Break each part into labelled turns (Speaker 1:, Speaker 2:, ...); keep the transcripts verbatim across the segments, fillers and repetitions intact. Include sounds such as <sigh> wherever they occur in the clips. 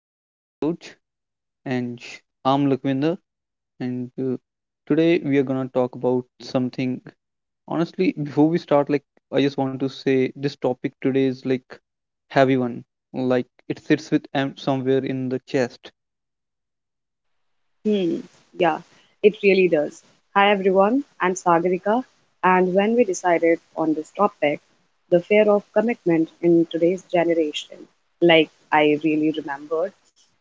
Speaker 1: another episode. And I'm Lakwinder. And uh, Today we are going to talk about something. Honestly, before we start, like, I just want to say this topic today is like heavy one. Like, it sits with em- somewhere in the chest.
Speaker 2: Hmm, yeah, it really does. Hi everyone, I'm Sagarika, and when we decided on this topic, the fear of commitment in today's generation, like I really remembered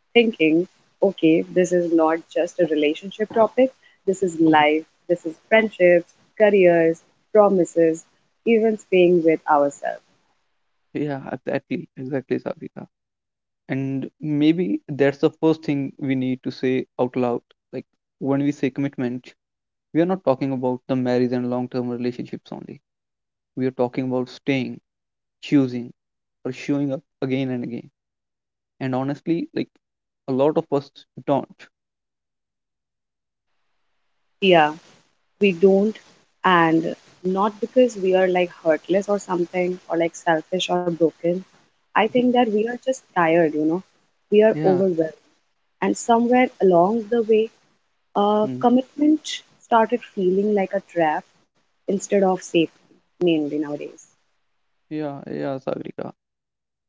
Speaker 2: thinking, okay, this is not just a relationship topic, this is life,
Speaker 1: <laughs>
Speaker 2: this is friendships, careers, promises, even staying with ourselves.
Speaker 1: Yeah, exactly. Exactly, Sabrina. And maybe that's the first thing we need to say out loud. Like, when we say commitment, we are not talking about the marriage and long term relationships only, we are talking about staying, choosing, or showing up again and again. And honestly, like a lot of us don't.
Speaker 2: Yeah, we don't, and not because we are like heartless or something, or like selfish or broken. I think that
Speaker 1: <laughs>
Speaker 2: we are just tired, you know, we are
Speaker 1: Yeah,
Speaker 2: overwhelmed, and somewhere along the way, uh,
Speaker 1: mm,
Speaker 2: commitment started feeling like a trap instead of safety, mainly nowadays.
Speaker 1: yeah, yeah, Sagrika.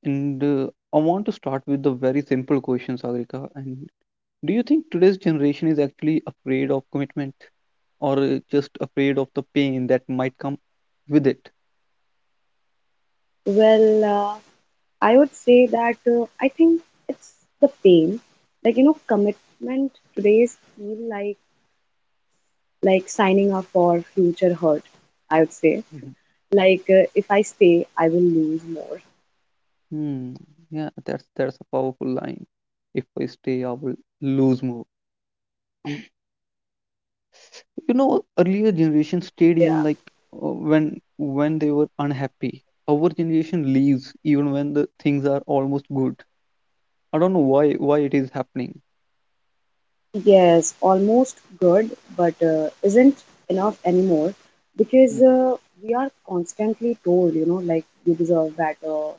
Speaker 1: And uh, I want to start with the very simple question, Sagrika. And Do you think today's generation is actually afraid of commitment, or uh, just afraid of the pain that might come with it?
Speaker 2: Well, uh, I would say that uh, I think it's the pain, like, you know, commitment today's feel like like signing up for future hurt, I would say.
Speaker 1: Mhm.
Speaker 2: Like, uh, if I stay, I will lose more.
Speaker 1: Hmm. Yeah, that's that's a powerful line. If I stay, I will lose more. You know, earlier generation stayed even
Speaker 2: Yeah.
Speaker 1: like uh, when when they were unhappy. Our generation leaves even when the things are almost good. I don't know why why it is happening.
Speaker 2: Yes, almost good, but uh, isn't enough anymore,
Speaker 1: Mm,
Speaker 2: because uh, we are constantly told, you know, like you deserve better,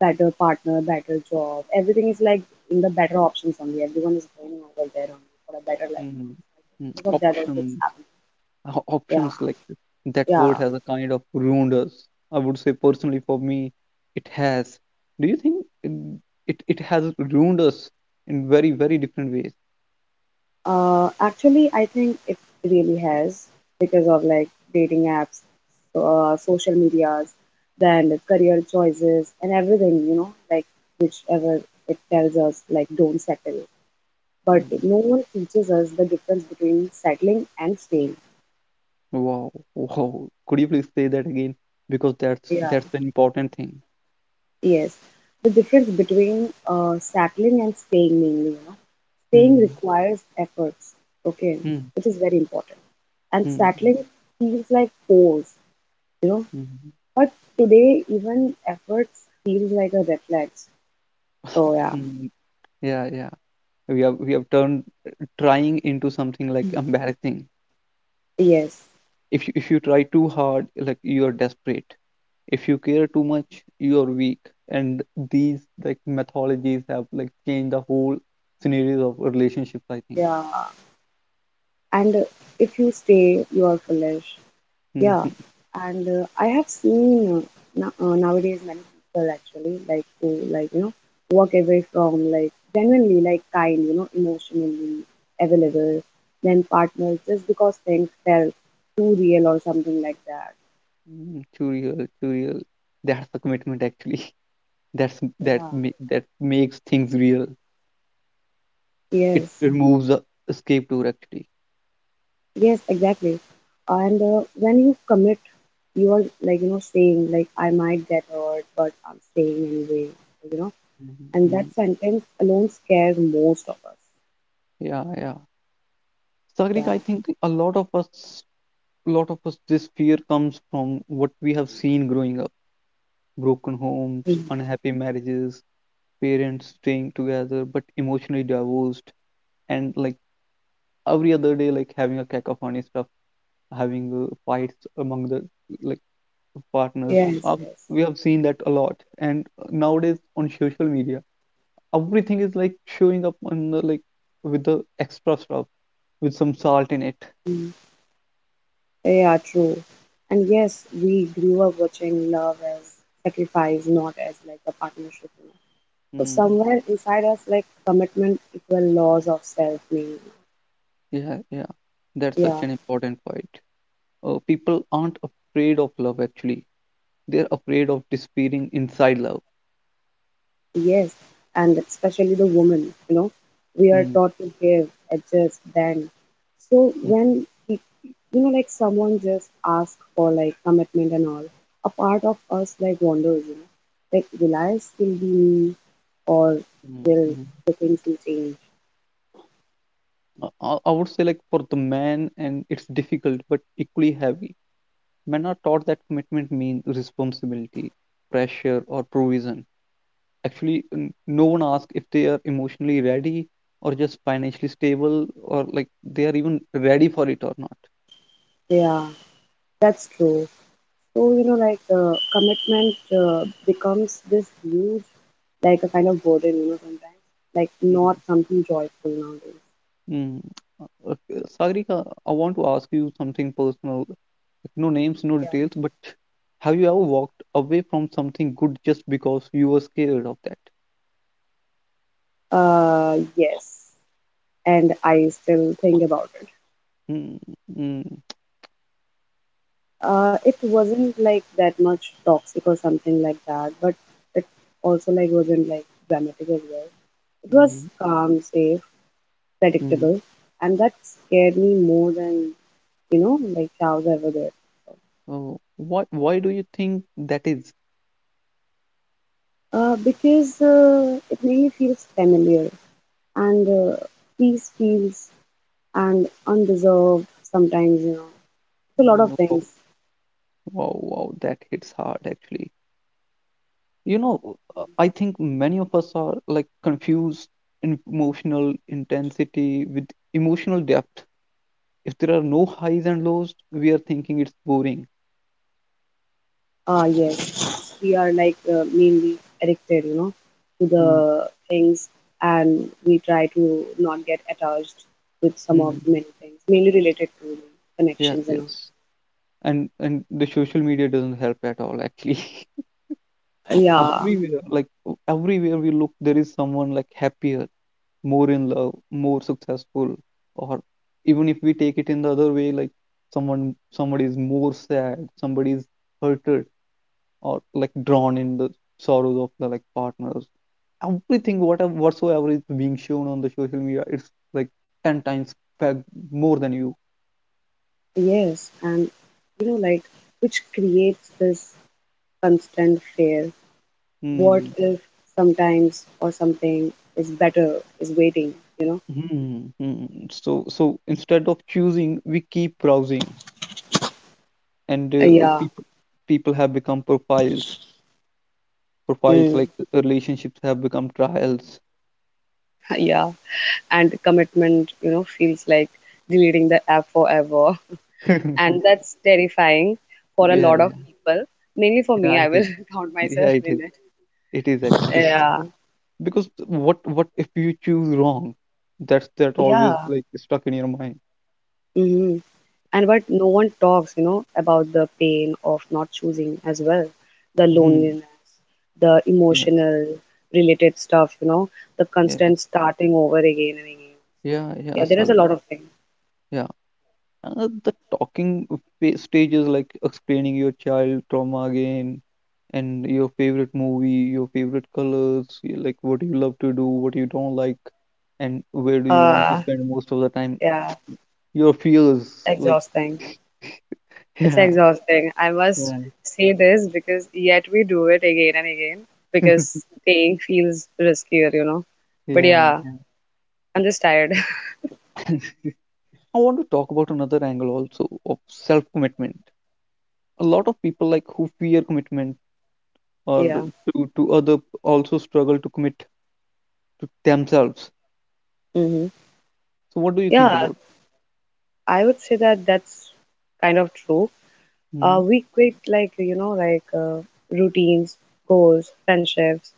Speaker 2: better partner, better job. Everything is like in the better options only. Everyone is going over there only for a better life.
Speaker 1: mm, mm.
Speaker 2: Because of that, also it's
Speaker 1: Options,
Speaker 2: happening.
Speaker 1: o-
Speaker 2: Yeah,
Speaker 1: options like this. That word
Speaker 2: yeah.
Speaker 1: has a kind of ruined us. I would say personally for me, it has. Do you think it it, it has ruined us in very very different ways?
Speaker 2: Uh, actually, I think it really has, because of like dating apps, so, uh, social medias, then career choices and everything, you know, like whichever it tells us, like don't settle. But
Speaker 1: Mm.
Speaker 2: no one teaches us the difference between settling and staying.
Speaker 1: Wow, wow. Could you please say that again? Because that's
Speaker 2: Yeah.
Speaker 1: that's an important thing.
Speaker 2: Yes, the difference between uh, settling and staying mainly, you know. Staying
Speaker 1: Mhm.
Speaker 2: requires efforts, okay,
Speaker 1: Mm,
Speaker 2: which is very important. And
Speaker 1: hmm.
Speaker 2: settling feels like pause, you know.
Speaker 1: Mm, mhm,
Speaker 2: But today, even efforts feels like a reflex. So yeah,
Speaker 1: mm. Yeah, yeah. We have we have turned uh, trying into something like embarrassing.
Speaker 2: yes,
Speaker 1: If you if you try too hard, like you are desperate. If you care too much, you are weak. And these like methodologies have like changed the whole scenarios of relationships, I think.
Speaker 2: yeah. And uh, if you stay, you are foolish. Yeah.
Speaker 1: Mhm,
Speaker 2: And uh, I have seen uh, no- uh, nowadays many people actually like who like you know walk away from like genuinely like kind, you know, emotionally available, then partners just because things felt too real or something like that.
Speaker 1: mm. Too real, too real. That's the commitment actually. <laughs> That's that
Speaker 2: Yeah.
Speaker 1: ma- that makes things real. It
Speaker 2: Yes.
Speaker 1: removes the escape tour actually.
Speaker 2: Yes, exactly. And uh, when you commit, you are like, you know, saying, like, I might get hurt, but I'm staying anyway, you know.
Speaker 1: Mm-hmm.
Speaker 2: And
Speaker 1: Mm-hmm.
Speaker 2: that sentence alone scares most of us.
Speaker 1: Yeah, yeah. Sagrik,
Speaker 2: Yeah.
Speaker 1: I think a lot of us, lot of us, this fear comes from what we have seen growing up. Broken homes,
Speaker 2: Mhm.
Speaker 1: unhappy marriages, parents staying together but emotionally divorced, and like every other day, like having a cacophony stuff, having uh, fights among the like partners.
Speaker 2: Yes,
Speaker 1: Um,
Speaker 2: yes.
Speaker 1: we have seen that a lot, and uh, nowadays on social media, everything is like showing up on the like with the extra stuff with some salt in it.
Speaker 2: Mm. Yeah, true. And yes, we grew up watching love as sacrifice, not as like a partnership, you know. So
Speaker 1: Hmm.
Speaker 2: somewhere inside us, like commitment equal laws of self meaning.
Speaker 1: Yeah, yeah. That's such
Speaker 2: Yeah.
Speaker 1: an important point. Uh, people aren't afraid of love, actually. They're afraid of disappearing inside love.
Speaker 2: Yes, and especially the woman, you know, we are
Speaker 1: Mm,
Speaker 2: taught to give, adjust, bend. So
Speaker 1: mm,
Speaker 2: when people, you know, like someone just asks for like commitment and all, a part of us like wonders, you know, like will I still be me, or
Speaker 1: mm,
Speaker 2: will
Speaker 1: mm.
Speaker 2: the things will change?
Speaker 1: Uh, I, I would say, like, for the man, and it's difficult but equally heavy. Men are taught that commitment means responsibility, pressure, or provision. Actually, n- no one asks if they are emotionally ready or just financially stable or like they are even ready for it or not.
Speaker 2: Yeah, that's true. So, you know, like uh, commitment uh, becomes this huge, like a kind of burden, you know, sometimes, like not
Speaker 1: Mm.
Speaker 2: something joyful nowadays.
Speaker 1: Mm. Uh, Okay. Sagrika, I want to ask you something personal. Like, no names, no
Speaker 2: Yeah.
Speaker 1: details, but have you ever walked away from something good just because you were scared of that?
Speaker 2: Uh, yes, and I still think about it.
Speaker 1: Mm, mm,
Speaker 2: Uh, it wasn't like that much toxic or something like that, but it also like wasn't like dramatic as well. It
Speaker 1: mm-hmm,
Speaker 2: was calm, safe,
Speaker 1: mm.
Speaker 2: predictable, and that scared me more than you know like cows ever did.
Speaker 1: Oh, why, why do you think that is?
Speaker 2: Uh, because uh, it made me feel familiar, and uh, peace feels and undeserved sometimes. You know, it's a lot
Speaker 1: Hmm,
Speaker 2: of
Speaker 1: no, wow,
Speaker 2: things.
Speaker 1: wow, wow, that hits hard actually. You know, uh, I think many of us are like confused in emotional intensity with emotional depth. If there are no highs and lows, we are thinking it's boring.
Speaker 2: Ah, yes. We are like uh, mainly addicted, you know, to
Speaker 1: Mm,
Speaker 2: the things, and we try to not get attached with some of
Speaker 1: mm,
Speaker 2: the many things, mainly related to the
Speaker 1: yes,
Speaker 2: connections and
Speaker 1: yes. And and the social media doesn't help at all, actually. <laughs>
Speaker 2: all. Yeah,
Speaker 1: Everywhere, like everywhere we look, there is someone like happier, more in love, more successful, or even if we take it in the other way, like someone somebody is more sad, somebody is hurted, or like drawn in the sorrows of the like partners everything what whatsoever is being shown on the social media it's like ten times back more than you.
Speaker 2: yes, and you know, like which creates this constant fear. What
Speaker 1: Hmm.
Speaker 2: if sometimes or something is better, is waiting, you know?
Speaker 1: Hmm. Hmm. So so instead of choosing, we keep browsing, and uh,
Speaker 2: Yeah,
Speaker 1: people people have become profiles. Profiles like
Speaker 2: mm,
Speaker 1: relationships have become trials.
Speaker 2: <laughs> yeah, and commitment, you know, feels like deleting the app forever. And
Speaker 1: <laughs>
Speaker 2: that's terrifying for a
Speaker 1: Yeah,
Speaker 2: lot of
Speaker 1: yeah,
Speaker 2: people. Mainly for me,
Speaker 1: yeah.
Speaker 2: I
Speaker 1: It
Speaker 2: will
Speaker 1: is.
Speaker 2: <laughs> count
Speaker 1: Yeah,
Speaker 2: myself
Speaker 1: it
Speaker 2: in
Speaker 1: is.
Speaker 2: it.
Speaker 1: It is actually.
Speaker 2: Yeah,
Speaker 1: <laughs> Because what what if you choose wrong? That's that always
Speaker 2: yeah.
Speaker 1: like stuck in your mind.
Speaker 2: hmm And but no one talks, you know, about the pain of not choosing as well, the
Speaker 1: Hmm.
Speaker 2: loneliness, the
Speaker 1: Yes.
Speaker 2: emotional related stuff, you know, the
Speaker 1: Yes.
Speaker 2: constant starting over again and again.
Speaker 1: Yeah, yeah,
Speaker 2: Yeah, there is a
Speaker 1: sorry.
Speaker 2: lot of things.
Speaker 1: Yeah. Uh, the talking fa- stage is like explaining your child trauma again and your favorite movie, your favorite colors, y- like what you love to do, what you don't like, and where do you want to
Speaker 2: Uh,
Speaker 1: spend most of the time.
Speaker 2: yeah,
Speaker 1: Your
Speaker 2: it's
Speaker 1: fears, like,
Speaker 2: exhausting.
Speaker 1: <laughs>
Speaker 2: It's
Speaker 1: yeah,
Speaker 2: exhausting. I must
Speaker 1: yeah,
Speaker 2: say this, because yet we do it again and again,
Speaker 1: <laughs>
Speaker 2: because staying feels riskier, you know. But
Speaker 1: yeah,
Speaker 2: yeah, I'm just tired. <laughs>
Speaker 1: yeah. <laughs> I want to talk about another angle also of self-commitment. A lot of people like who fear commitment or
Speaker 2: Yeah.
Speaker 1: to, to other also struggle to commit to themselves.
Speaker 2: hmm
Speaker 1: So what do you think
Speaker 2: Yeah,
Speaker 1: about?
Speaker 2: I would say that that's kind of true.
Speaker 1: Mhm.
Speaker 2: Uh, we quit like, you know, like uh, routines, goals, friendships,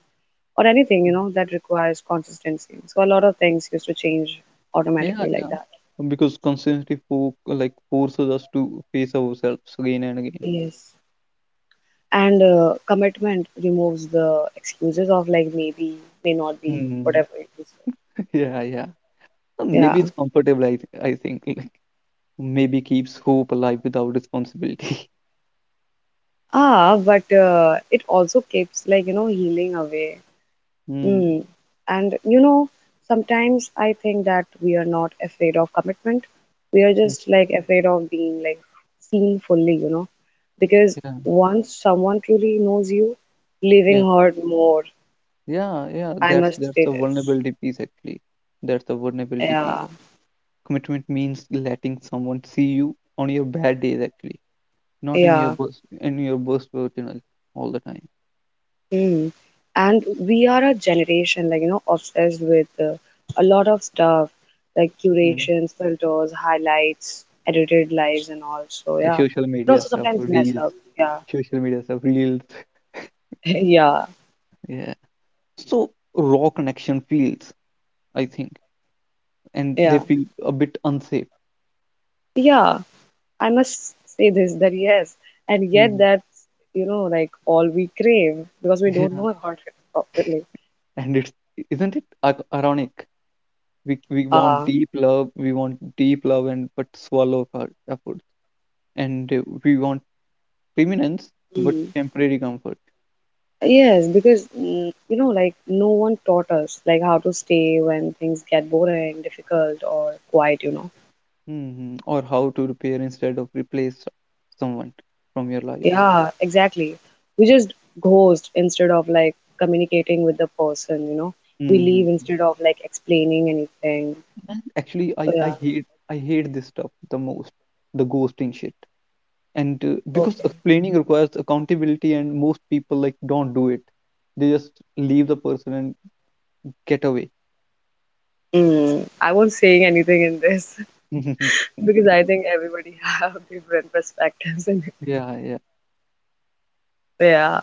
Speaker 2: or anything, you know, that requires consistency. So a lot of things used to change
Speaker 1: Yeah,
Speaker 2: automatically like
Speaker 1: yeah.
Speaker 2: that.
Speaker 1: Because consistency for like forces us to face ourselves again and again.
Speaker 2: Yes. And uh, commitment removes the excuses of like maybe may not be
Speaker 1: Mhm.
Speaker 2: whatever it is,
Speaker 1: <laughs> Yeah, yeah. Uh, maybe
Speaker 2: yeah.
Speaker 1: it's comfortable. I th I think <laughs> like maybe keeps hope alive without responsibility. <laughs>
Speaker 2: Ah, but uh, it also keeps like you know healing away,
Speaker 1: Mm.
Speaker 2: mm. And you know, sometimes I think that we are not afraid of commitment, we are
Speaker 1: Mm.
Speaker 2: just like afraid of being like seen fully, you know, because
Speaker 1: Yeah,
Speaker 2: once someone truly knows you,
Speaker 1: yeah,
Speaker 2: leaving hurt more.
Speaker 1: yeah, yeah.
Speaker 2: I
Speaker 1: That's
Speaker 2: must
Speaker 1: that's
Speaker 2: say
Speaker 1: the
Speaker 2: this.
Speaker 1: vulnerability piece actually. That's the vulnerability piece.
Speaker 2: Yeah,
Speaker 1: Commitment means letting someone see you on your bad days actually, not in your
Speaker 2: yeah.
Speaker 1: burst in your burst personal all the time.
Speaker 2: Mm. And we are a generation like you know obsessed with uh, a lot of stuff like
Speaker 1: Mm-hmm.
Speaker 2: curations, filters, highlights, edited lives, and all. So
Speaker 1: Uh,
Speaker 2: yeah,
Speaker 1: social
Speaker 2: but
Speaker 1: media
Speaker 2: also
Speaker 1: stuff,
Speaker 2: sometimes mess
Speaker 1: reels,
Speaker 2: up. Yeah,
Speaker 1: social media stuff, reels.
Speaker 2: <laughs> yeah,
Speaker 1: Yeah. So raw connection feels, I think, and they
Speaker 2: yeah,
Speaker 1: feel a bit unsafe.
Speaker 2: yeah. I must say this that yes, and yet
Speaker 1: Hmm.
Speaker 2: that's you know like all we crave because we
Speaker 1: <laughs>
Speaker 2: don't
Speaker 1: Yeah.
Speaker 2: know about it properly.
Speaker 1: And it's isn't it ac- ironic? We we want
Speaker 2: Ah,
Speaker 1: deep love, we want deep love, and but swallow our efforts, and uh, we want permanence but temporary comfort.
Speaker 2: yes, because mm, you know, like no one taught us like how to stay when things get boring, difficult, or quiet, you know.
Speaker 1: Hmm. Or how to repair instead of replace someone from your life.
Speaker 2: Yeah, exactly. We just ghost instead of like communicating with the person, you know. We leave
Speaker 1: Hmm.
Speaker 2: instead of like explaining anything.
Speaker 1: And actually, I,
Speaker 2: So,
Speaker 1: I
Speaker 2: yeah.
Speaker 1: hate I hate this stuff the most, the ghosting shit. And uh, because
Speaker 2: Okay.
Speaker 1: explaining requires accountability, and most people like don't do it. They just leave the person and get away.
Speaker 2: Mm, I won't saying anything in this,
Speaker 1: <laughs>
Speaker 2: <laughs> because I think everybody have <laughs> different perspectives in it.
Speaker 1: Yeah, yeah.
Speaker 2: Yeah.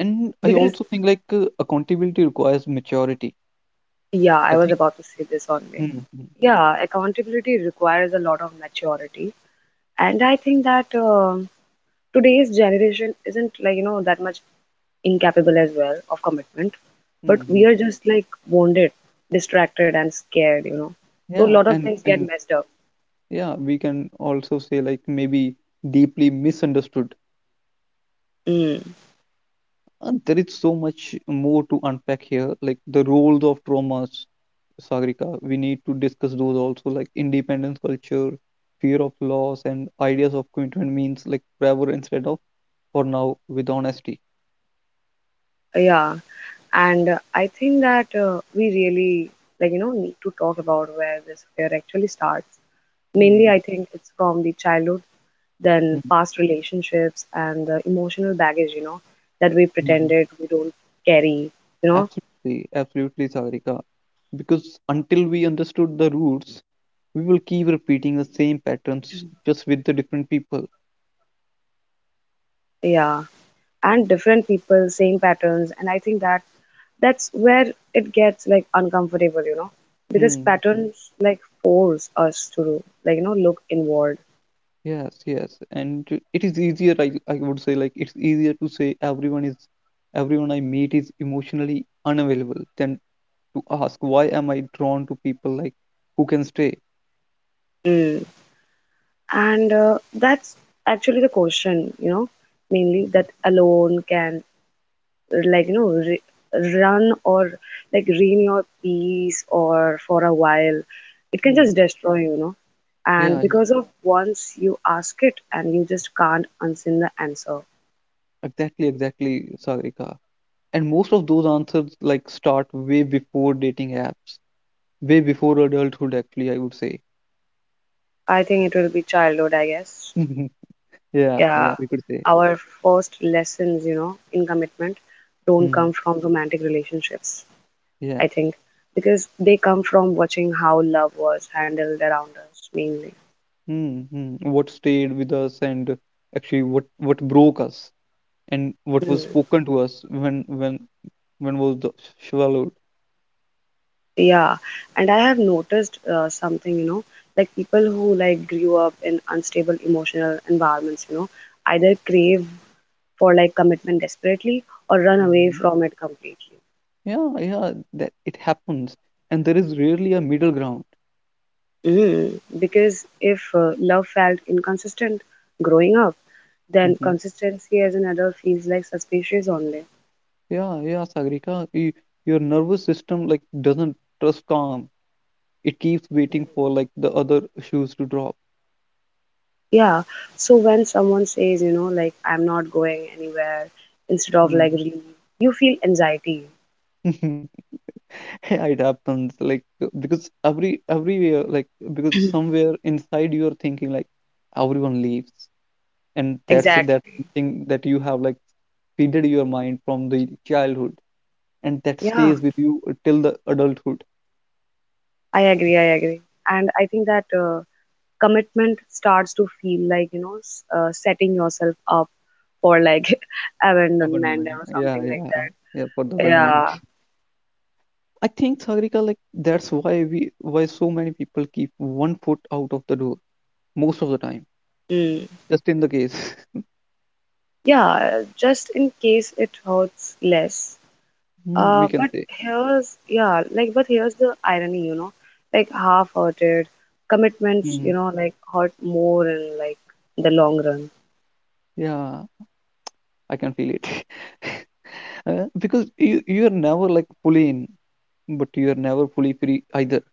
Speaker 1: And I
Speaker 2: Because,
Speaker 1: also think like uh, accountability requires maturity.
Speaker 2: yeah,
Speaker 1: I
Speaker 2: I was
Speaker 1: think.
Speaker 2: about to say this only.
Speaker 1: Mm-hmm.
Speaker 2: Yeah, accountability requires a lot of maturity, and I think that um today's generation isn't like you know that much incapable as well of commitment, but
Speaker 1: Hmm.
Speaker 2: we are just like wounded, distracted, and scared, you know. So a
Speaker 1: Yeah,
Speaker 2: lot of
Speaker 1: and
Speaker 2: things get
Speaker 1: and
Speaker 2: messed up.
Speaker 1: yeah, we can also say like maybe deeply misunderstood.
Speaker 2: Mm.
Speaker 1: Uh, there is so much more to unpack here, like the roles of traumas, Sagrika, we need to discuss those also, like independence culture, fear of loss, and ideas of commitment means like forever instead of for now with honesty.
Speaker 2: Yeah, and uh, I think that uh, we really like you know need to talk about where this fear actually starts, mainly
Speaker 1: Hmm,
Speaker 2: I think it's from the childhood, then
Speaker 1: hmm,
Speaker 2: past relationships and the emotional baggage, you know, that we
Speaker 1: hmm.
Speaker 2: pretended we don't carry, you know.
Speaker 1: Absolutely, absolutely, Sagrika. Because until we understood the roots, we will keep repeating the same patterns just with the different people.
Speaker 2: Yeah, and different people same patterns, and I think that that's where it gets like uncomfortable, you know, because
Speaker 1: Hmm. Hmm.
Speaker 2: patterns like force us to like you know look inward.
Speaker 1: Yes, yes, and uh, it is easier. I I would say like it's easier to say everyone is everyone I meet is emotionally unavailable than to ask why am I drawn to people like who can stay?
Speaker 2: And uh, that's actually the question, you know, mainly that alone can, like, you know, re run or like ruin your peace or for a while. It can
Speaker 1: Hmm.
Speaker 2: just destroy, you you know. And
Speaker 1: Yeah, yeah,
Speaker 2: because of once you ask it, and you just can't unseen the answer.
Speaker 1: exactly, exactly, Sarika. And most of those answers like start way before dating apps, way before adulthood, actually, I would say.
Speaker 2: I think it will be childhood, I guess.
Speaker 1: <laughs> Yeah, yeah,
Speaker 2: Yeah.
Speaker 1: we could say.
Speaker 2: Our first lessons, you know, in commitment don't
Speaker 1: Hmm.
Speaker 2: come from romantic relationships.
Speaker 1: Yeah.
Speaker 2: I think, because they come from watching how love was handled around us mainly.
Speaker 1: Hmm. Hmm. What stayed with us and actually what what broke us and what was spoken to us when when when was the swallowed.
Speaker 2: Yeah, and I have noticed uh, something, you know, like people who like grew up in unstable emotional environments, you know, either crave for like commitment desperately or run away from it completely.
Speaker 1: Yeah, yeah, that it happens, and there is rarely a middle ground.
Speaker 2: Mm, because if uh, love felt inconsistent growing up, then
Speaker 1: Hmm.
Speaker 2: consistency as an adult feels like suspicious only.
Speaker 1: Yeah, yeah, Sagrika, y your nervous system like doesn't trust calm. It keeps waiting for like the other shoes to drop.
Speaker 2: Yeah. So when someone says, you know, like I'm not going anywhere, instead of like
Speaker 1: Mm.
Speaker 2: relief, you feel anxiety.
Speaker 1: <laughs> Yeah, it happens like uh, because every everywhere like because somewhere inside you are thinking like everyone leaves, and that's that
Speaker 2: Exactly.
Speaker 1: thing that you have like feeded your mind from the childhood, and that
Speaker 2: Yeah,
Speaker 1: stays with you till the adulthood.
Speaker 2: I agree. I agree. And I think that uh, commitment starts to feel like, you know, s- uh, setting yourself up for like <laughs> abandonment
Speaker 1: Abandonment.
Speaker 2: or
Speaker 1: Yeah,
Speaker 2: something like
Speaker 1: yeah,
Speaker 2: that.
Speaker 1: yeah. For the abandonment,
Speaker 2: Yeah.
Speaker 1: I think Sagrika, like that's why we why so many people keep one foot out of the door most of the time,
Speaker 2: Mm.
Speaker 1: just in the case. <laughs>
Speaker 2: Yeah. Just in case it hurts less.
Speaker 1: Mm, we
Speaker 2: Uh,
Speaker 1: can
Speaker 2: but
Speaker 1: say.
Speaker 2: here's, yeah, like, but here's the irony, you know, like half-hearted commitments,
Speaker 1: Mm,
Speaker 2: you know, like hurt more in like the long run.
Speaker 1: yeah, I can feel it. <laughs> Uh, because you you are never like fully in, but you are never fully free either.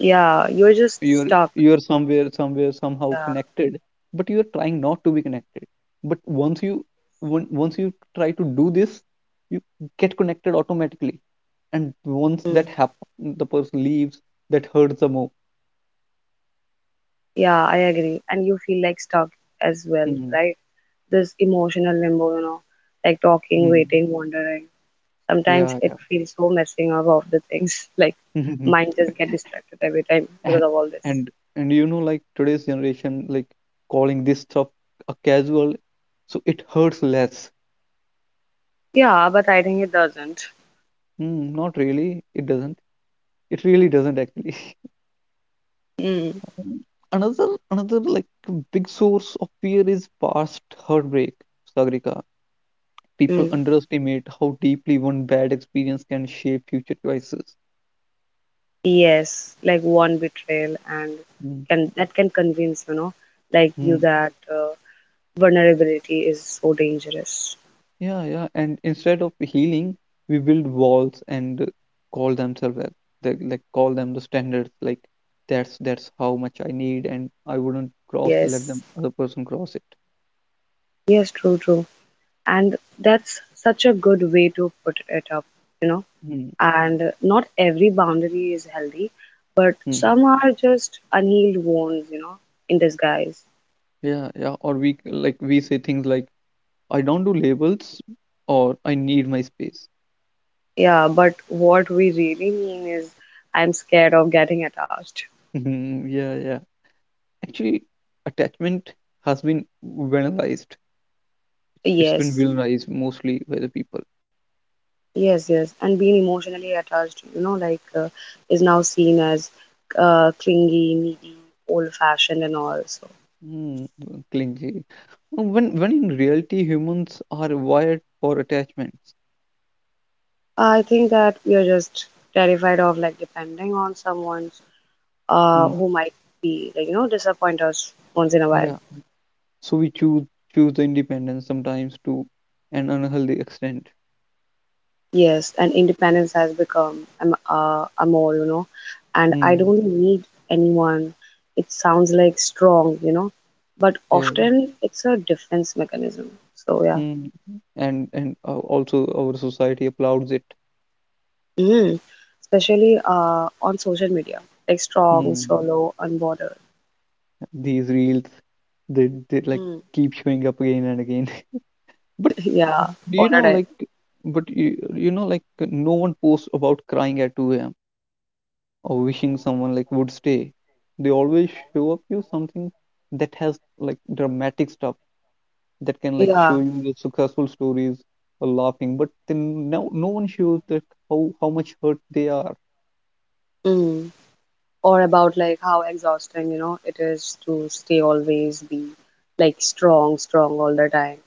Speaker 2: Yeah, you're just
Speaker 1: you're
Speaker 2: stuck.
Speaker 1: you're somewhere somewhere somehow
Speaker 2: Yeah.
Speaker 1: connected but you're trying not to be connected but once you on- once you try to do this you get connected automatically and once that
Speaker 2: Mm.
Speaker 1: happen the person leaves that hurts the more.
Speaker 2: Yeah, I agree. And you feel like stuck as well,
Speaker 1: Hmm.
Speaker 2: right? This emotional limbo, you know, like talking,
Speaker 1: Hmm.
Speaker 2: waiting, wondering. Sometimes
Speaker 1: Yeah,
Speaker 2: it
Speaker 1: yeah.
Speaker 2: feels so messing up of the things. <laughs> Like mind
Speaker 1: <laughs>
Speaker 2: just get distracted every time
Speaker 1: and
Speaker 2: because of all this.
Speaker 1: and and you know like today's generation like calling this stuff a casual so it hurts less.
Speaker 2: Yeah, but I think it doesn't.
Speaker 1: Mm, not really it doesn't, it really doesn't actually. <laughs>
Speaker 2: Mm.
Speaker 1: Another another like big source of fear is past heartbreak, Sagrika. People
Speaker 2: Mm.
Speaker 1: underestimate how deeply one bad experience can shape future choices.
Speaker 2: Yes, like one betrayal and can that can convince, you know, like you
Speaker 1: Hmm.
Speaker 2: that uh, vulnerability is so dangerous.
Speaker 1: Yeah, yeah, and instead of healing we build walls and call themselves that they, like call them the standards like that's that's how much I need and I wouldn't cross let
Speaker 2: Yes.
Speaker 1: them other person cross it.
Speaker 2: Yes, true, true. And that's such a good way to put it up, you know. And not every boundary is healthy, but
Speaker 1: Mm-hmm.
Speaker 2: some are just unhealed wounds, you know, in disguise.
Speaker 1: Yeah, yeah, or we like we say things like I don't do labels or I need my space.
Speaker 2: Yeah, but what we really mean is I'm scared of getting attached.
Speaker 1: Mhm, yeah, yeah. Actually, attachment has been banalized. It's been
Speaker 2: Yes.
Speaker 1: villainized mostly by the people.
Speaker 2: Yes, yes, and being emotionally attached, you know, like uh, is now seen as uh, clingy, needy, old-fashioned, and all. So
Speaker 1: Mm, clingy. When when in reality humans are wired for attachments.
Speaker 2: I think that we are just terrified of like depending on someone, uh,
Speaker 1: Mm,
Speaker 2: who might be like you know disappoint us once in a while.
Speaker 1: yeah. So we choose choose the independence sometimes to an unhealthy extent.
Speaker 2: Yes, and independence has become um, uh, a more, you know, and I
Speaker 1: Mm,
Speaker 2: don't need anyone. It sounds like strong, you know, but
Speaker 1: yeah. Yeah.
Speaker 2: often it's a defense mechanism. So yeah.
Speaker 1: Mm. And and uh, also our society applauds it.
Speaker 2: Mm. Especially uh, on social media, like strong,
Speaker 1: Mm.
Speaker 2: solo, unbordered.
Speaker 1: These reels, they, they like
Speaker 2: Mm.
Speaker 1: keep showing up again and again. <laughs> But
Speaker 2: <laughs> Yeah,
Speaker 1: do
Speaker 2: all
Speaker 1: you
Speaker 2: the
Speaker 1: know
Speaker 2: time.
Speaker 1: like but you, you know like no one posts about crying at two a.m
Speaker 2: Mm.
Speaker 1: or wishing someone like would stay. They always show up you something that has like dramatic stuff that can like show
Speaker 2: Yeah.
Speaker 1: you the successful stories or laughing. But then no, no one shows that how how much hurt they are.
Speaker 2: Mm. Or about like how exhausting, you know, it is to stay always be like strong, strong all the time.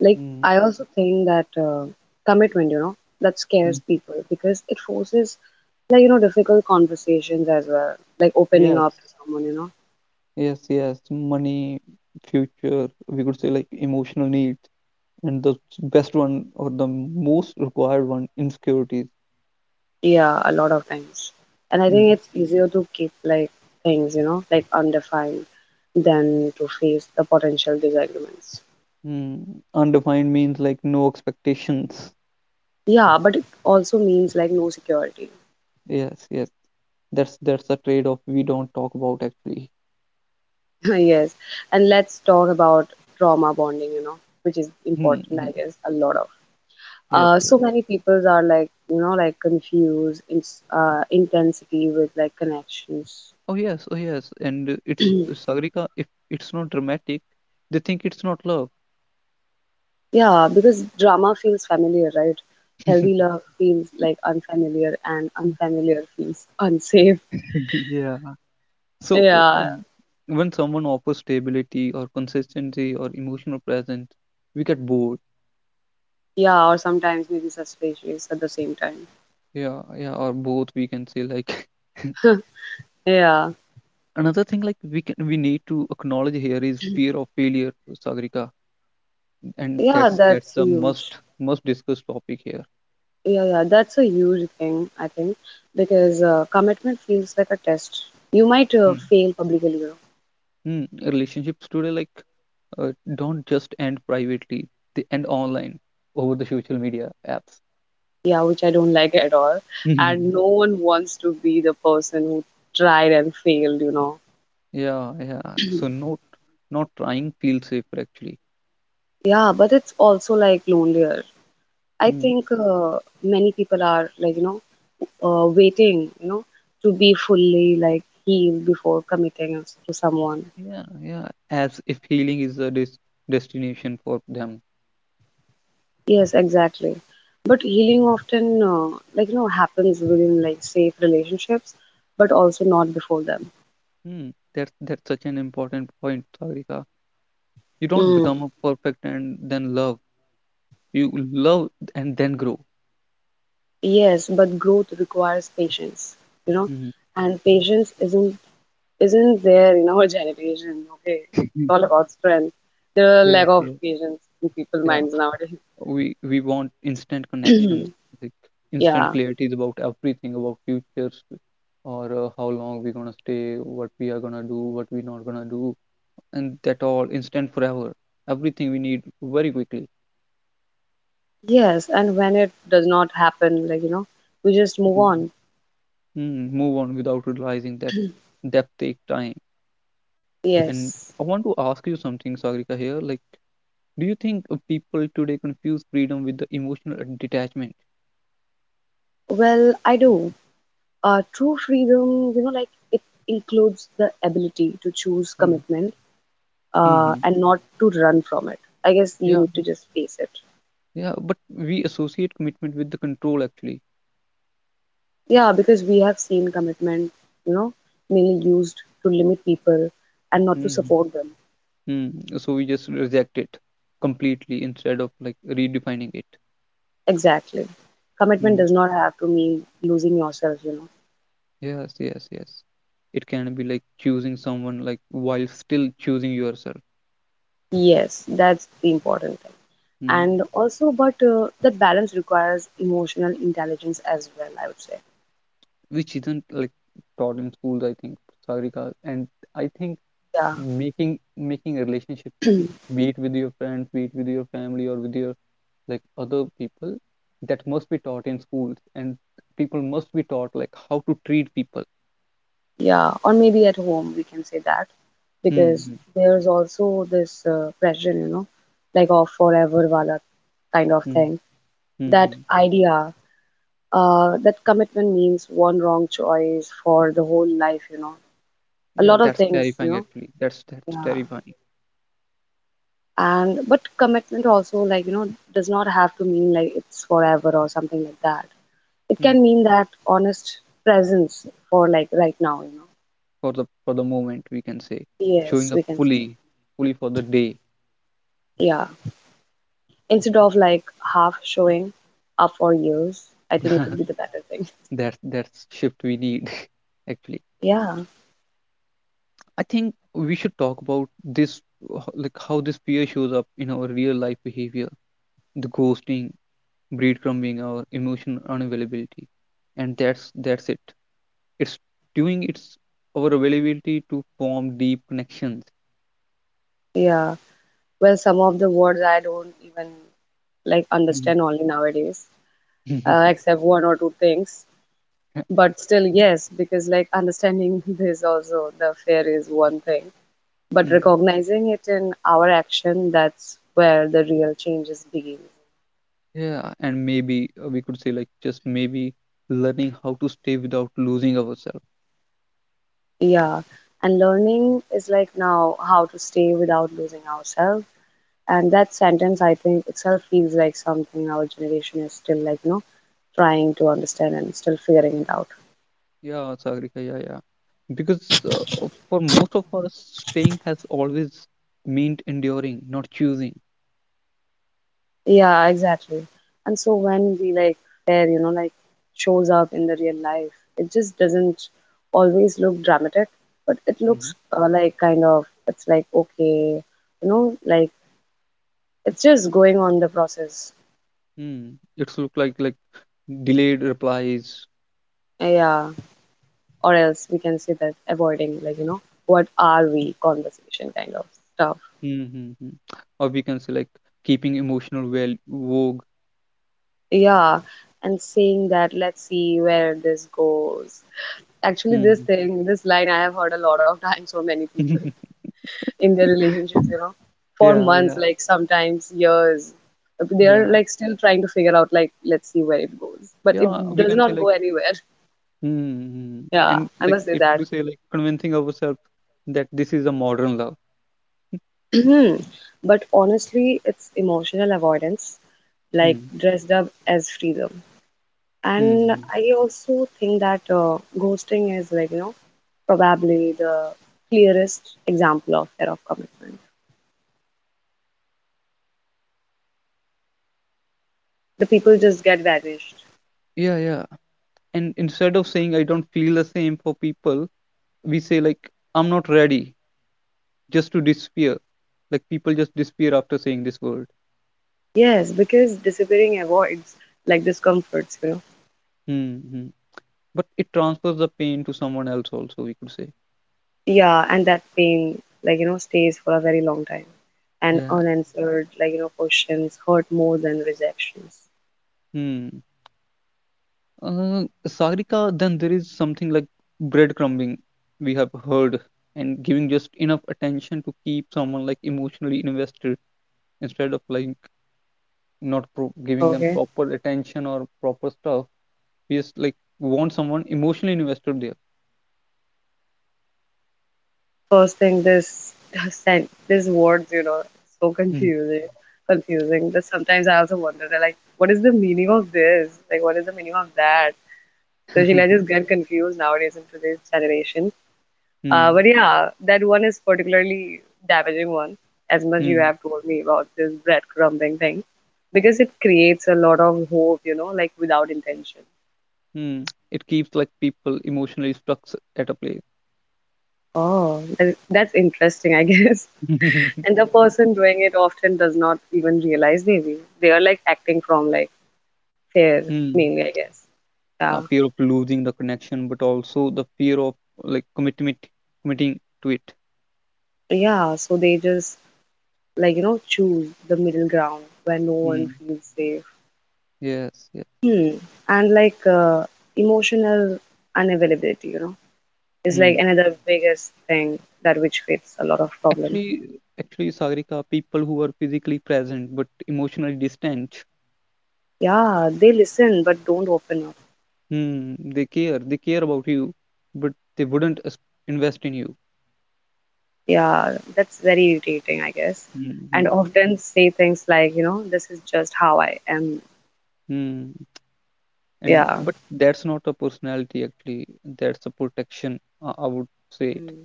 Speaker 2: Like
Speaker 1: Mm.
Speaker 2: I also think that uh, commitment, you know, that scares
Speaker 1: Mm.
Speaker 2: people because it forces like, you know, difficult conversations as well, like opening
Speaker 1: yes
Speaker 2: up to someone, you know.
Speaker 1: yes yes money, future, we could say like emotional needs and the best one or the most required one, insecurities.
Speaker 2: Yeah, a lot of times. And I think
Speaker 1: Mm.
Speaker 2: it's easier to keep like things, you know, like undefined than to face the potential disagreements.
Speaker 1: Mm. Undefined means like no expectations.
Speaker 2: Yeah, but it also means like no security. <laughs>
Speaker 1: Yes yes that's that's a trade-off we don't talk about actually.
Speaker 2: Yes. And let's talk about trauma bonding, you know, which is
Speaker 1: Mm.
Speaker 2: important, I
Speaker 1: Mm.
Speaker 2: guess, a lot of.
Speaker 1: yes
Speaker 2: Uh,
Speaker 1: yes
Speaker 2: so many peoples are like, you know, like confused in uh, intensity with like connections.
Speaker 1: oh yes oh yes and uh, it's Sagrika, if it's not dramatic, they think it's not love.
Speaker 2: Yeah, because drama feels familiar, right? Healthy
Speaker 1: <laughs>
Speaker 2: love feels like unfamiliar, and unfamiliar feels <laughs> unsafe.
Speaker 1: Yeah, so uh,
Speaker 2: Yeah,
Speaker 1: uh, when someone offers stability or consistency or emotional presence, we get bored.
Speaker 2: yeah, or sometimes maybe suspicious at the same time.
Speaker 1: Yeah, yeah, or both, we can say. Like
Speaker 2: Yeah,
Speaker 1: another thing like we can we need to acknowledge here is fear of failure, Sagrika. And
Speaker 2: yeah,
Speaker 1: that's
Speaker 2: that's
Speaker 1: that's a
Speaker 2: huge.
Speaker 1: must must discuss topic here.
Speaker 2: Yeah, yeah, that's a huge thing, I think, because uh, commitment feels like a test. You might uh,
Speaker 1: Hmm.
Speaker 2: fail publicly, you know.
Speaker 1: Mm. Relationships today like uh, don't just end privately, they end online, over the social media apps.
Speaker 2: Yeah, which I don't <laughs> like at all.
Speaker 1: <laughs>
Speaker 2: And
Speaker 1: Hmm.
Speaker 2: no one wants to be the person who tried and failed, you know.
Speaker 1: Yeah, yeah, so not not trying feels safer actually.
Speaker 2: Yeah, but it's also like lonelier. I
Speaker 1: Hmm.
Speaker 2: think uh, many people are like, you know, uh, waiting, you know, to be fully like healed before committing us to someone.
Speaker 1: Yeah, yeah, as if healing is a des- destination for them.
Speaker 2: Yes, exactly. But healing often, uh, like, you know, happens within like safe relationships, but also not before them.
Speaker 1: Hmm. that's that's such an important point, Sagrika. You don't
Speaker 2: Mm.
Speaker 1: become a perfect and then love. You love and then grow.
Speaker 2: Yes, but growth requires patience, you know,
Speaker 1: Mhm.
Speaker 2: and patience isn't isn't there in our <laughs> generation. Okay, it's all about strength. There are
Speaker 1: Yes,
Speaker 2: lack of
Speaker 1: yes,
Speaker 2: patience in people's
Speaker 1: yeah.
Speaker 2: minds nowadays.
Speaker 1: We we want instant connections, like instant
Speaker 2: Yeah.
Speaker 1: clarities about everything, about futures, or uh, how long we're gonna stay, what we are gonna do, what we're not gonna do, and that all instant forever. Everything we need very quickly.
Speaker 2: Yes, and when it does not happen, like, you know, we just move
Speaker 1: Mm.
Speaker 2: on.
Speaker 1: Mm, move on without realizing that depth take time. And
Speaker 2: Yes.
Speaker 1: I want to ask you something, Sagrika, here. Like, do you think uh, people today confuse freedom with the emotional detachment?
Speaker 2: Well, I do. Uh, true freedom, you know, like it includes the ability to choose
Speaker 1: Hmm.
Speaker 2: commitment, uh,
Speaker 1: Hmm.
Speaker 2: and not to run from it. I guess you
Speaker 1: Yeah,
Speaker 2: need to just face it.
Speaker 1: yeah, but we associate commitment with the control actually.
Speaker 2: Yeah, because we have seen commitment, you know, mainly used to limit people and not to
Speaker 1: Hmm.
Speaker 2: support them.
Speaker 1: Hmm. So we just reject it completely instead of like redefining it.
Speaker 2: Exactly. Commitment
Speaker 1: Hmm.
Speaker 2: does not have to mean losing yourself, you know.
Speaker 1: Yes, yes, yes. It can be like choosing someone like while still choosing yourself.
Speaker 2: Yes, that's the important thing. And
Speaker 1: Hmm.
Speaker 2: also but uh, that balance requires emotional intelligence as well, I would say.
Speaker 1: Which isn't like taught in schools, I think, Sagrika. And I think
Speaker 2: Yeah,
Speaker 1: making making a relationship, be it with your friends, be it with your family, or with your like other people, that must be taught in schools, and people must be taught like how to treat people.
Speaker 2: yeah, or maybe at home we can say that, because
Speaker 1: Hmm.
Speaker 2: there's also this uh, pressure, you know, like of forever wala kind of
Speaker 1: Hmm.
Speaker 2: thing,
Speaker 1: Hmm.
Speaker 2: that
Speaker 1: Hmm.
Speaker 2: idea uh, that commitment means one wrong choice for the whole life, you know. A
Speaker 1: Yeah,
Speaker 2: lot of
Speaker 1: that's
Speaker 2: things, you
Speaker 1: terrifying
Speaker 2: know.
Speaker 1: actually, that's that's
Speaker 2: Yeah.
Speaker 1: terrifying.
Speaker 2: And but commitment also, like, you know, does not have to mean like it's forever or something like that. It
Speaker 1: Hmm.
Speaker 2: can mean that honest presence for like right now, you know.
Speaker 1: for the for the moment, we can say
Speaker 2: Yes,
Speaker 1: showing up
Speaker 2: we can say.
Speaker 1: fully, fully for the day.
Speaker 2: Yeah. Instead of like half showing up for years, I think it would be the
Speaker 1: <laughs>
Speaker 2: better thing.
Speaker 1: that's that's shift we need. <laughs> Actually,
Speaker 2: Yeah.
Speaker 1: I think we should talk about this, uh, like how this fear shows up in our real life behavior, the ghosting, breadcrumbing, or emotional unavailability. And that's that's it. It's doing it's our availability to form deep connections.
Speaker 2: Yeah. Well, some of the words I don't even like
Speaker 1: Mhm.
Speaker 2: understand only nowadays, uh,
Speaker 1: <laughs>
Speaker 2: except one or two things. But still, yes, because like understanding <laughs> this also, the fear is one thing. But
Speaker 1: Mm.
Speaker 2: recognizing it in our action, that's where the real changes begin.
Speaker 1: Yeah, and maybe uh, we could say like just maybe learning how to stay without losing ourselves.
Speaker 2: Yeah, and learning is like now how to stay without losing ourselves. And that sentence, I think, itself feels like something our generation is still like, you know, trying to understand and still figuring it out.
Speaker 1: Yeah, Sagrika, yeah, yeah. Because uh, uh, for most of us, staying has always meant enduring, not choosing.
Speaker 2: Yeah, exactly. And so when we like there, you know, like shows up in the real life, it just doesn't always look dramatic, but it
Speaker 1: Mm-hmm.
Speaker 2: looks uh, like kind of, it's like, okay, you know, like it's just going on the process.
Speaker 1: Mm. It's look like like delayed replies.
Speaker 2: Yeah. Or else we can say that avoiding, like, you know, what are we conversation kind of stuff.
Speaker 1: Mm-hmm. Or we can say like keeping emotional well vogue.
Speaker 2: Yeah. And saying that let's see where this goes. Actually this
Speaker 1: Hmm.
Speaker 2: thing, this line I have heard a lot of times from many people
Speaker 1: <laughs>
Speaker 2: <laughs> in their relationships, you know, for
Speaker 1: Yeah,
Speaker 2: months,
Speaker 1: yeah,
Speaker 2: like sometimes years. They're
Speaker 1: yeah,
Speaker 2: like still trying to figure out like let's see where it goes, but it
Speaker 1: yeah. We
Speaker 2: does
Speaker 1: can say
Speaker 2: not go
Speaker 1: like,
Speaker 2: anywhere.
Speaker 1: hmm, hmm,
Speaker 2: <laughs> Yeah,
Speaker 1: and
Speaker 2: I
Speaker 1: like
Speaker 2: must say
Speaker 1: it
Speaker 2: that.
Speaker 1: to say like convincing ourselves that this is a modern love.
Speaker 2: Hmm. But honestly, it's emotional avoidance, like dressed up as freedom. And
Speaker 1: Mm-hmm.
Speaker 2: I also think that uh, ghosting is like, you know, probably the clearest example of error of commitment. The people just get vanished.
Speaker 1: Yeah, yeah. And instead of saying I don't feel the same for people, we say like I'm not ready just to disappear. Like people just disappear after saying this word.
Speaker 2: Yes, because disappearing avoids like discomforts, you know.
Speaker 1: Mm-hmm. But it transfers the pain to someone else also, we could say.
Speaker 2: Yeah, and that pain, like, you know, stays for a very long time. And
Speaker 1: Yeah.
Speaker 2: unanswered, like, you know, questions hurt more than rejections.
Speaker 1: Hmm. Uh, Sagrika, then there is something like breadcrumbing we have heard, and giving just enough attention to keep someone like emotionally invested instead of like not pro- giving them
Speaker 2: Okay.
Speaker 1: proper attention or proper stuff. We just like want someone emotionally invested there.
Speaker 2: First thing, this <laughs> sen- this words, you know, so
Speaker 1: Mm.
Speaker 2: confusing, confusing that sometimes I also wonder, they're like, what is the meaning of this? Like, what is the meaning of that? So she I just
Speaker 1: <laughs>
Speaker 2: get confused nowadays in today's generation. Uh,
Speaker 1: Hmm.
Speaker 2: but yeah, that one is particularly damaging one, as much you
Speaker 1: Hmm.
Speaker 2: have told me about this breadcrumbing thing, because it creates a lot of hope, you know, like without intention.
Speaker 1: Mm. It keeps like people emotionally stuck s- at a place.
Speaker 2: Oh, that, that's interesting, I guess. <laughs>
Speaker 1: <laughs>
Speaker 2: And the person doing it often does not even realize maybe. They are like acting from like fear,
Speaker 1: Hmm.
Speaker 2: mainly, I guess.
Speaker 1: A
Speaker 2: Yeah.
Speaker 1: fear of losing the connection, but also the fear of like commitment, committing to it.
Speaker 2: Yeah, so they just like, you know, choose the middle ground where no one
Speaker 1: Hmm.
Speaker 2: feels safe.
Speaker 1: Yes, yes.
Speaker 2: Hmm. And like uh, emotional unavailability, you know, is like
Speaker 1: Mm.
Speaker 2: another biggest thing that which creates a lot of problem.
Speaker 1: Actually, actually, Sagrika, people who are physically present but emotionally distant,
Speaker 2: Yeah, they listen but don't open up.
Speaker 1: mm, they care. They care about you, but they wouldn't as- invest in you.
Speaker 2: Yeah, that's very irritating, I guess.
Speaker 1: Mm-hmm.
Speaker 2: And often say things like, you know, this is just how I am.
Speaker 1: Mm. And
Speaker 2: Yeah.
Speaker 1: but that's not a personality, actually. That's a protection, I, I would say it.
Speaker 2: Mm.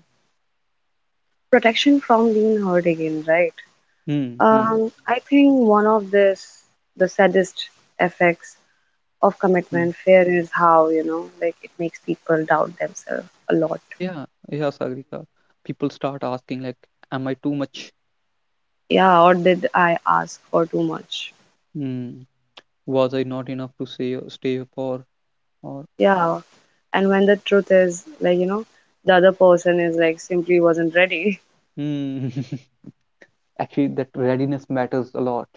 Speaker 2: Protection from being hurt again, right?
Speaker 1: Mm,
Speaker 2: Mm.
Speaker 1: mm,
Speaker 2: Um, I think one of this the saddest effects of
Speaker 1: mm.
Speaker 2: commitment fear is how, you know, like it makes people doubt themselves a lot.
Speaker 1: Yeah, yeah, Sagrika. People start asking like, "Am I too much?
Speaker 2: Yeah, or did I ask for too much?
Speaker 1: Mm. Was I not enough to say stay for?" Or
Speaker 2: Yeah. And when the truth is like, you know, the other person is like simply wasn't ready. <laughs>
Speaker 1: mm. <laughs> Actually, that readiness matters a lot.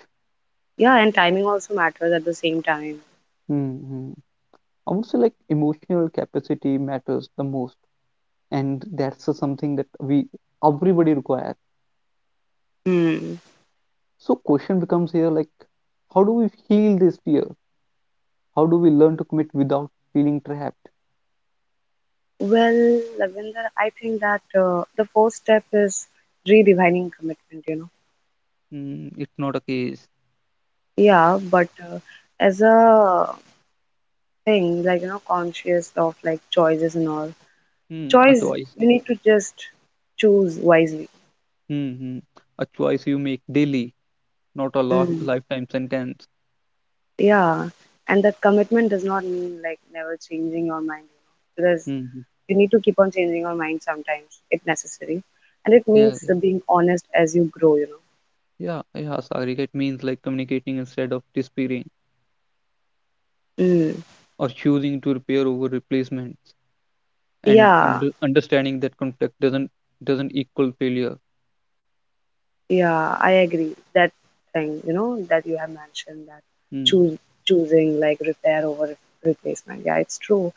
Speaker 2: Yeah, and timing also matters at the same time.
Speaker 1: Hmm. I would say like emotional capacity matters the most, and that's uh, something that we everybody requires.
Speaker 2: Hmm.
Speaker 1: So question becomes here like, how do we heal this fear? How do we learn to commit without feeling trapped?
Speaker 2: Well, Lavender, I think that uh, the first step is redefining commitment, you know.
Speaker 1: Mm, it's not a case.
Speaker 2: Yeah, but uh, as a thing, like, you know, conscious of like choices and all.
Speaker 1: Mm, a
Speaker 2: Choice,
Speaker 1: choice.
Speaker 2: we need to just choose wisely.
Speaker 1: Mm-hmm. A choice you make daily, not a lo-
Speaker 2: Mm.
Speaker 1: lifetime sentence.
Speaker 2: Yeah, and that commitment does not mean like never changing your mind, you know, because
Speaker 1: Mm-hmm.
Speaker 2: you need to keep on changing your mind sometimes if necessary. And it
Speaker 1: Yeah,
Speaker 2: means being honest as you grow, you
Speaker 1: yeah, yeah, sorry. It means like communicating instead of disappearing,
Speaker 2: know. Mm.
Speaker 1: or choosing to repair over replacements, and
Speaker 2: Yeah.
Speaker 1: under, understanding that conflict doesn't doesn't equal failure.
Speaker 2: Yeah, I agree. That thing, you know, that you have mentioned that
Speaker 1: Mm,
Speaker 2: choose choosing like repair over re- replacement. Yeah, it's true.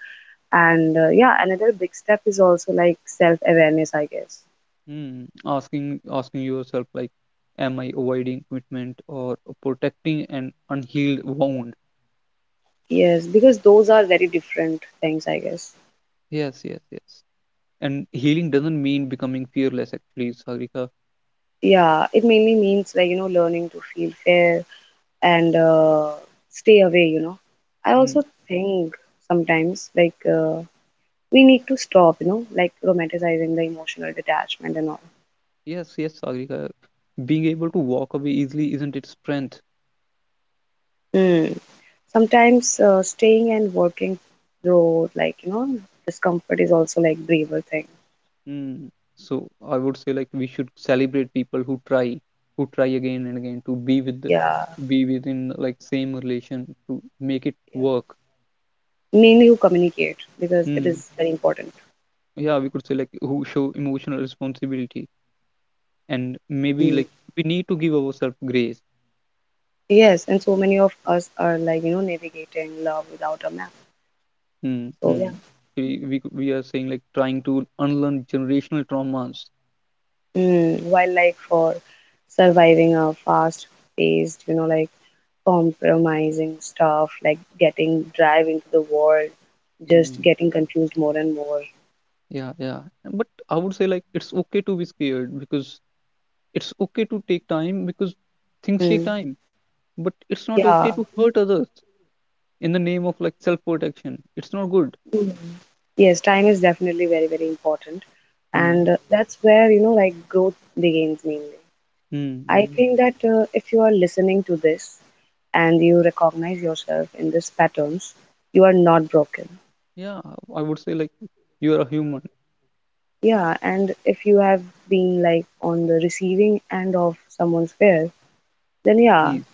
Speaker 2: And uh, yeah, another big step is also like self-awareness, I guess.
Speaker 1: mm. asking asking yourself like, am I avoiding commitment or protecting an unhealed wound?
Speaker 2: Yes, because those are very different things, I guess.
Speaker 1: Yes, yes, yes. And healing doesn't mean becoming fearless actually, Sagrika.
Speaker 2: Yeah, it mainly means like, you know, learning to feel fair and uh, stay away, you know. I
Speaker 1: Mm.
Speaker 2: also think sometimes like uh, we need to stop, you know, like romanticizing the emotional detachment and all.
Speaker 1: Yes, yes, Sagrika, being able to walk away easily isn't its strength.
Speaker 2: Hmm. Sometimes uh, staying and working through, like, you know, discomfort is also like braver thing.
Speaker 1: Mm. So I would say like we should celebrate people who try, who try again and again to be with, the-
Speaker 2: Yeah,
Speaker 1: be within like same relation to make it
Speaker 2: yeah.
Speaker 1: work.
Speaker 2: Mainly you communicate because it
Speaker 1: Mm.
Speaker 2: is very important.
Speaker 1: Yeah, we could say like who show emotional responsibility, and maybe
Speaker 2: Mm.
Speaker 1: like we need to give ourselves grace.
Speaker 2: Yes, and so many of us are like, you know, navigating love without a map.
Speaker 1: Mm.
Speaker 2: So
Speaker 1: Hmm.
Speaker 2: yeah.
Speaker 1: We, we could- we are saying like trying to unlearn generational traumas.
Speaker 2: Mm. While like for surviving a fast-paced, you know, like compromising stuff, like getting drive into the world, just
Speaker 1: Mm.
Speaker 2: getting confused more and more.
Speaker 1: Yeah, yeah. But I would say like it's okay to be scared, because it's okay to take time, because things take
Speaker 2: Mm.
Speaker 1: time. But it's not
Speaker 2: Yeah.
Speaker 1: okay to hurt others in the name of like self-protection. It's not good.
Speaker 2: Mm. Yes, time is definitely very, very important. And
Speaker 1: Hmm.
Speaker 2: uh, that's where, you know, like growth begins mainly.
Speaker 1: Hmm.
Speaker 2: I
Speaker 1: Hmm.
Speaker 2: think that uh, if you are listening to this and you recognize yourself in these patterns, you are not broken.
Speaker 1: Yeah, I would say like you are a human.
Speaker 2: Yeah, and if you have been like on the receiving end of someone's fear, then yeah,
Speaker 1: Please,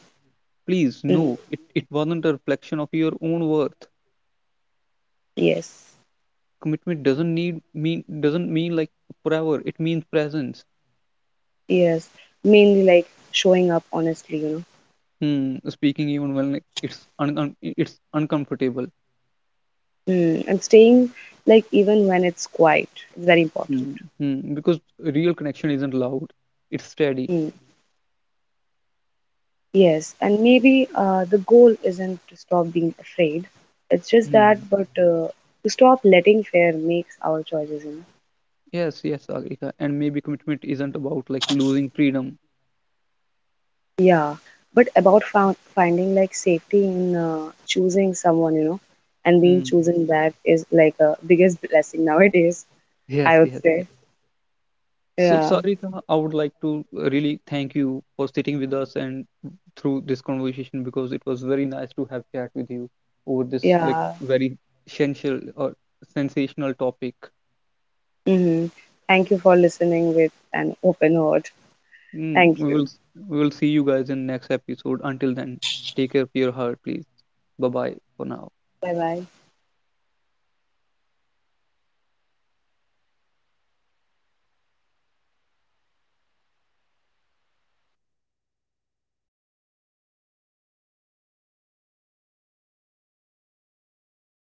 Speaker 1: please,
Speaker 2: mm,
Speaker 1: no. It it wasn't a reflection of your own worth.
Speaker 2: yes,
Speaker 1: Commitment doesn't need mean doesn't mean like forever. It means presence.
Speaker 2: yes, mainly like showing up honestly, you know,
Speaker 1: Hmm. Speaking even when like, it's un, un it's uncomfortable.
Speaker 2: mm, and staying like even when it's quiet, it's very important.
Speaker 1: Hmm. Hmm. Because real connection isn't loud. It's steady.
Speaker 2: Mm. Yes, and maybe uh, the goal isn't to stop being afraid. It's just
Speaker 1: Hmm.
Speaker 2: that, but uh, to stop letting fear makes our choices, you know.
Speaker 1: Yes, yes, Agrika. And maybe commitment isn't about like losing freedom.
Speaker 2: Yeah, but about found, finding like safety in uh, choosing someone, you know, and being
Speaker 1: Mm.
Speaker 2: chosen back is like a biggest blessing nowadays,
Speaker 1: Yes,
Speaker 2: I would
Speaker 1: yes,
Speaker 2: say.
Speaker 1: yes. So,
Speaker 2: Yeah,
Speaker 1: Sarika, I would like to really thank you for sitting with us and through this conversation, because it was very nice to have chat with you over this like
Speaker 2: yeah.
Speaker 1: very essential or sensational topic.
Speaker 2: Hmm. Thank you for listening with an open heart.
Speaker 1: Mm.
Speaker 2: Thank
Speaker 1: We
Speaker 2: you.
Speaker 1: will s- we will see you guys in next episode. Until then, take care of your heart, please. Bye bye for now.
Speaker 2: Bye bye.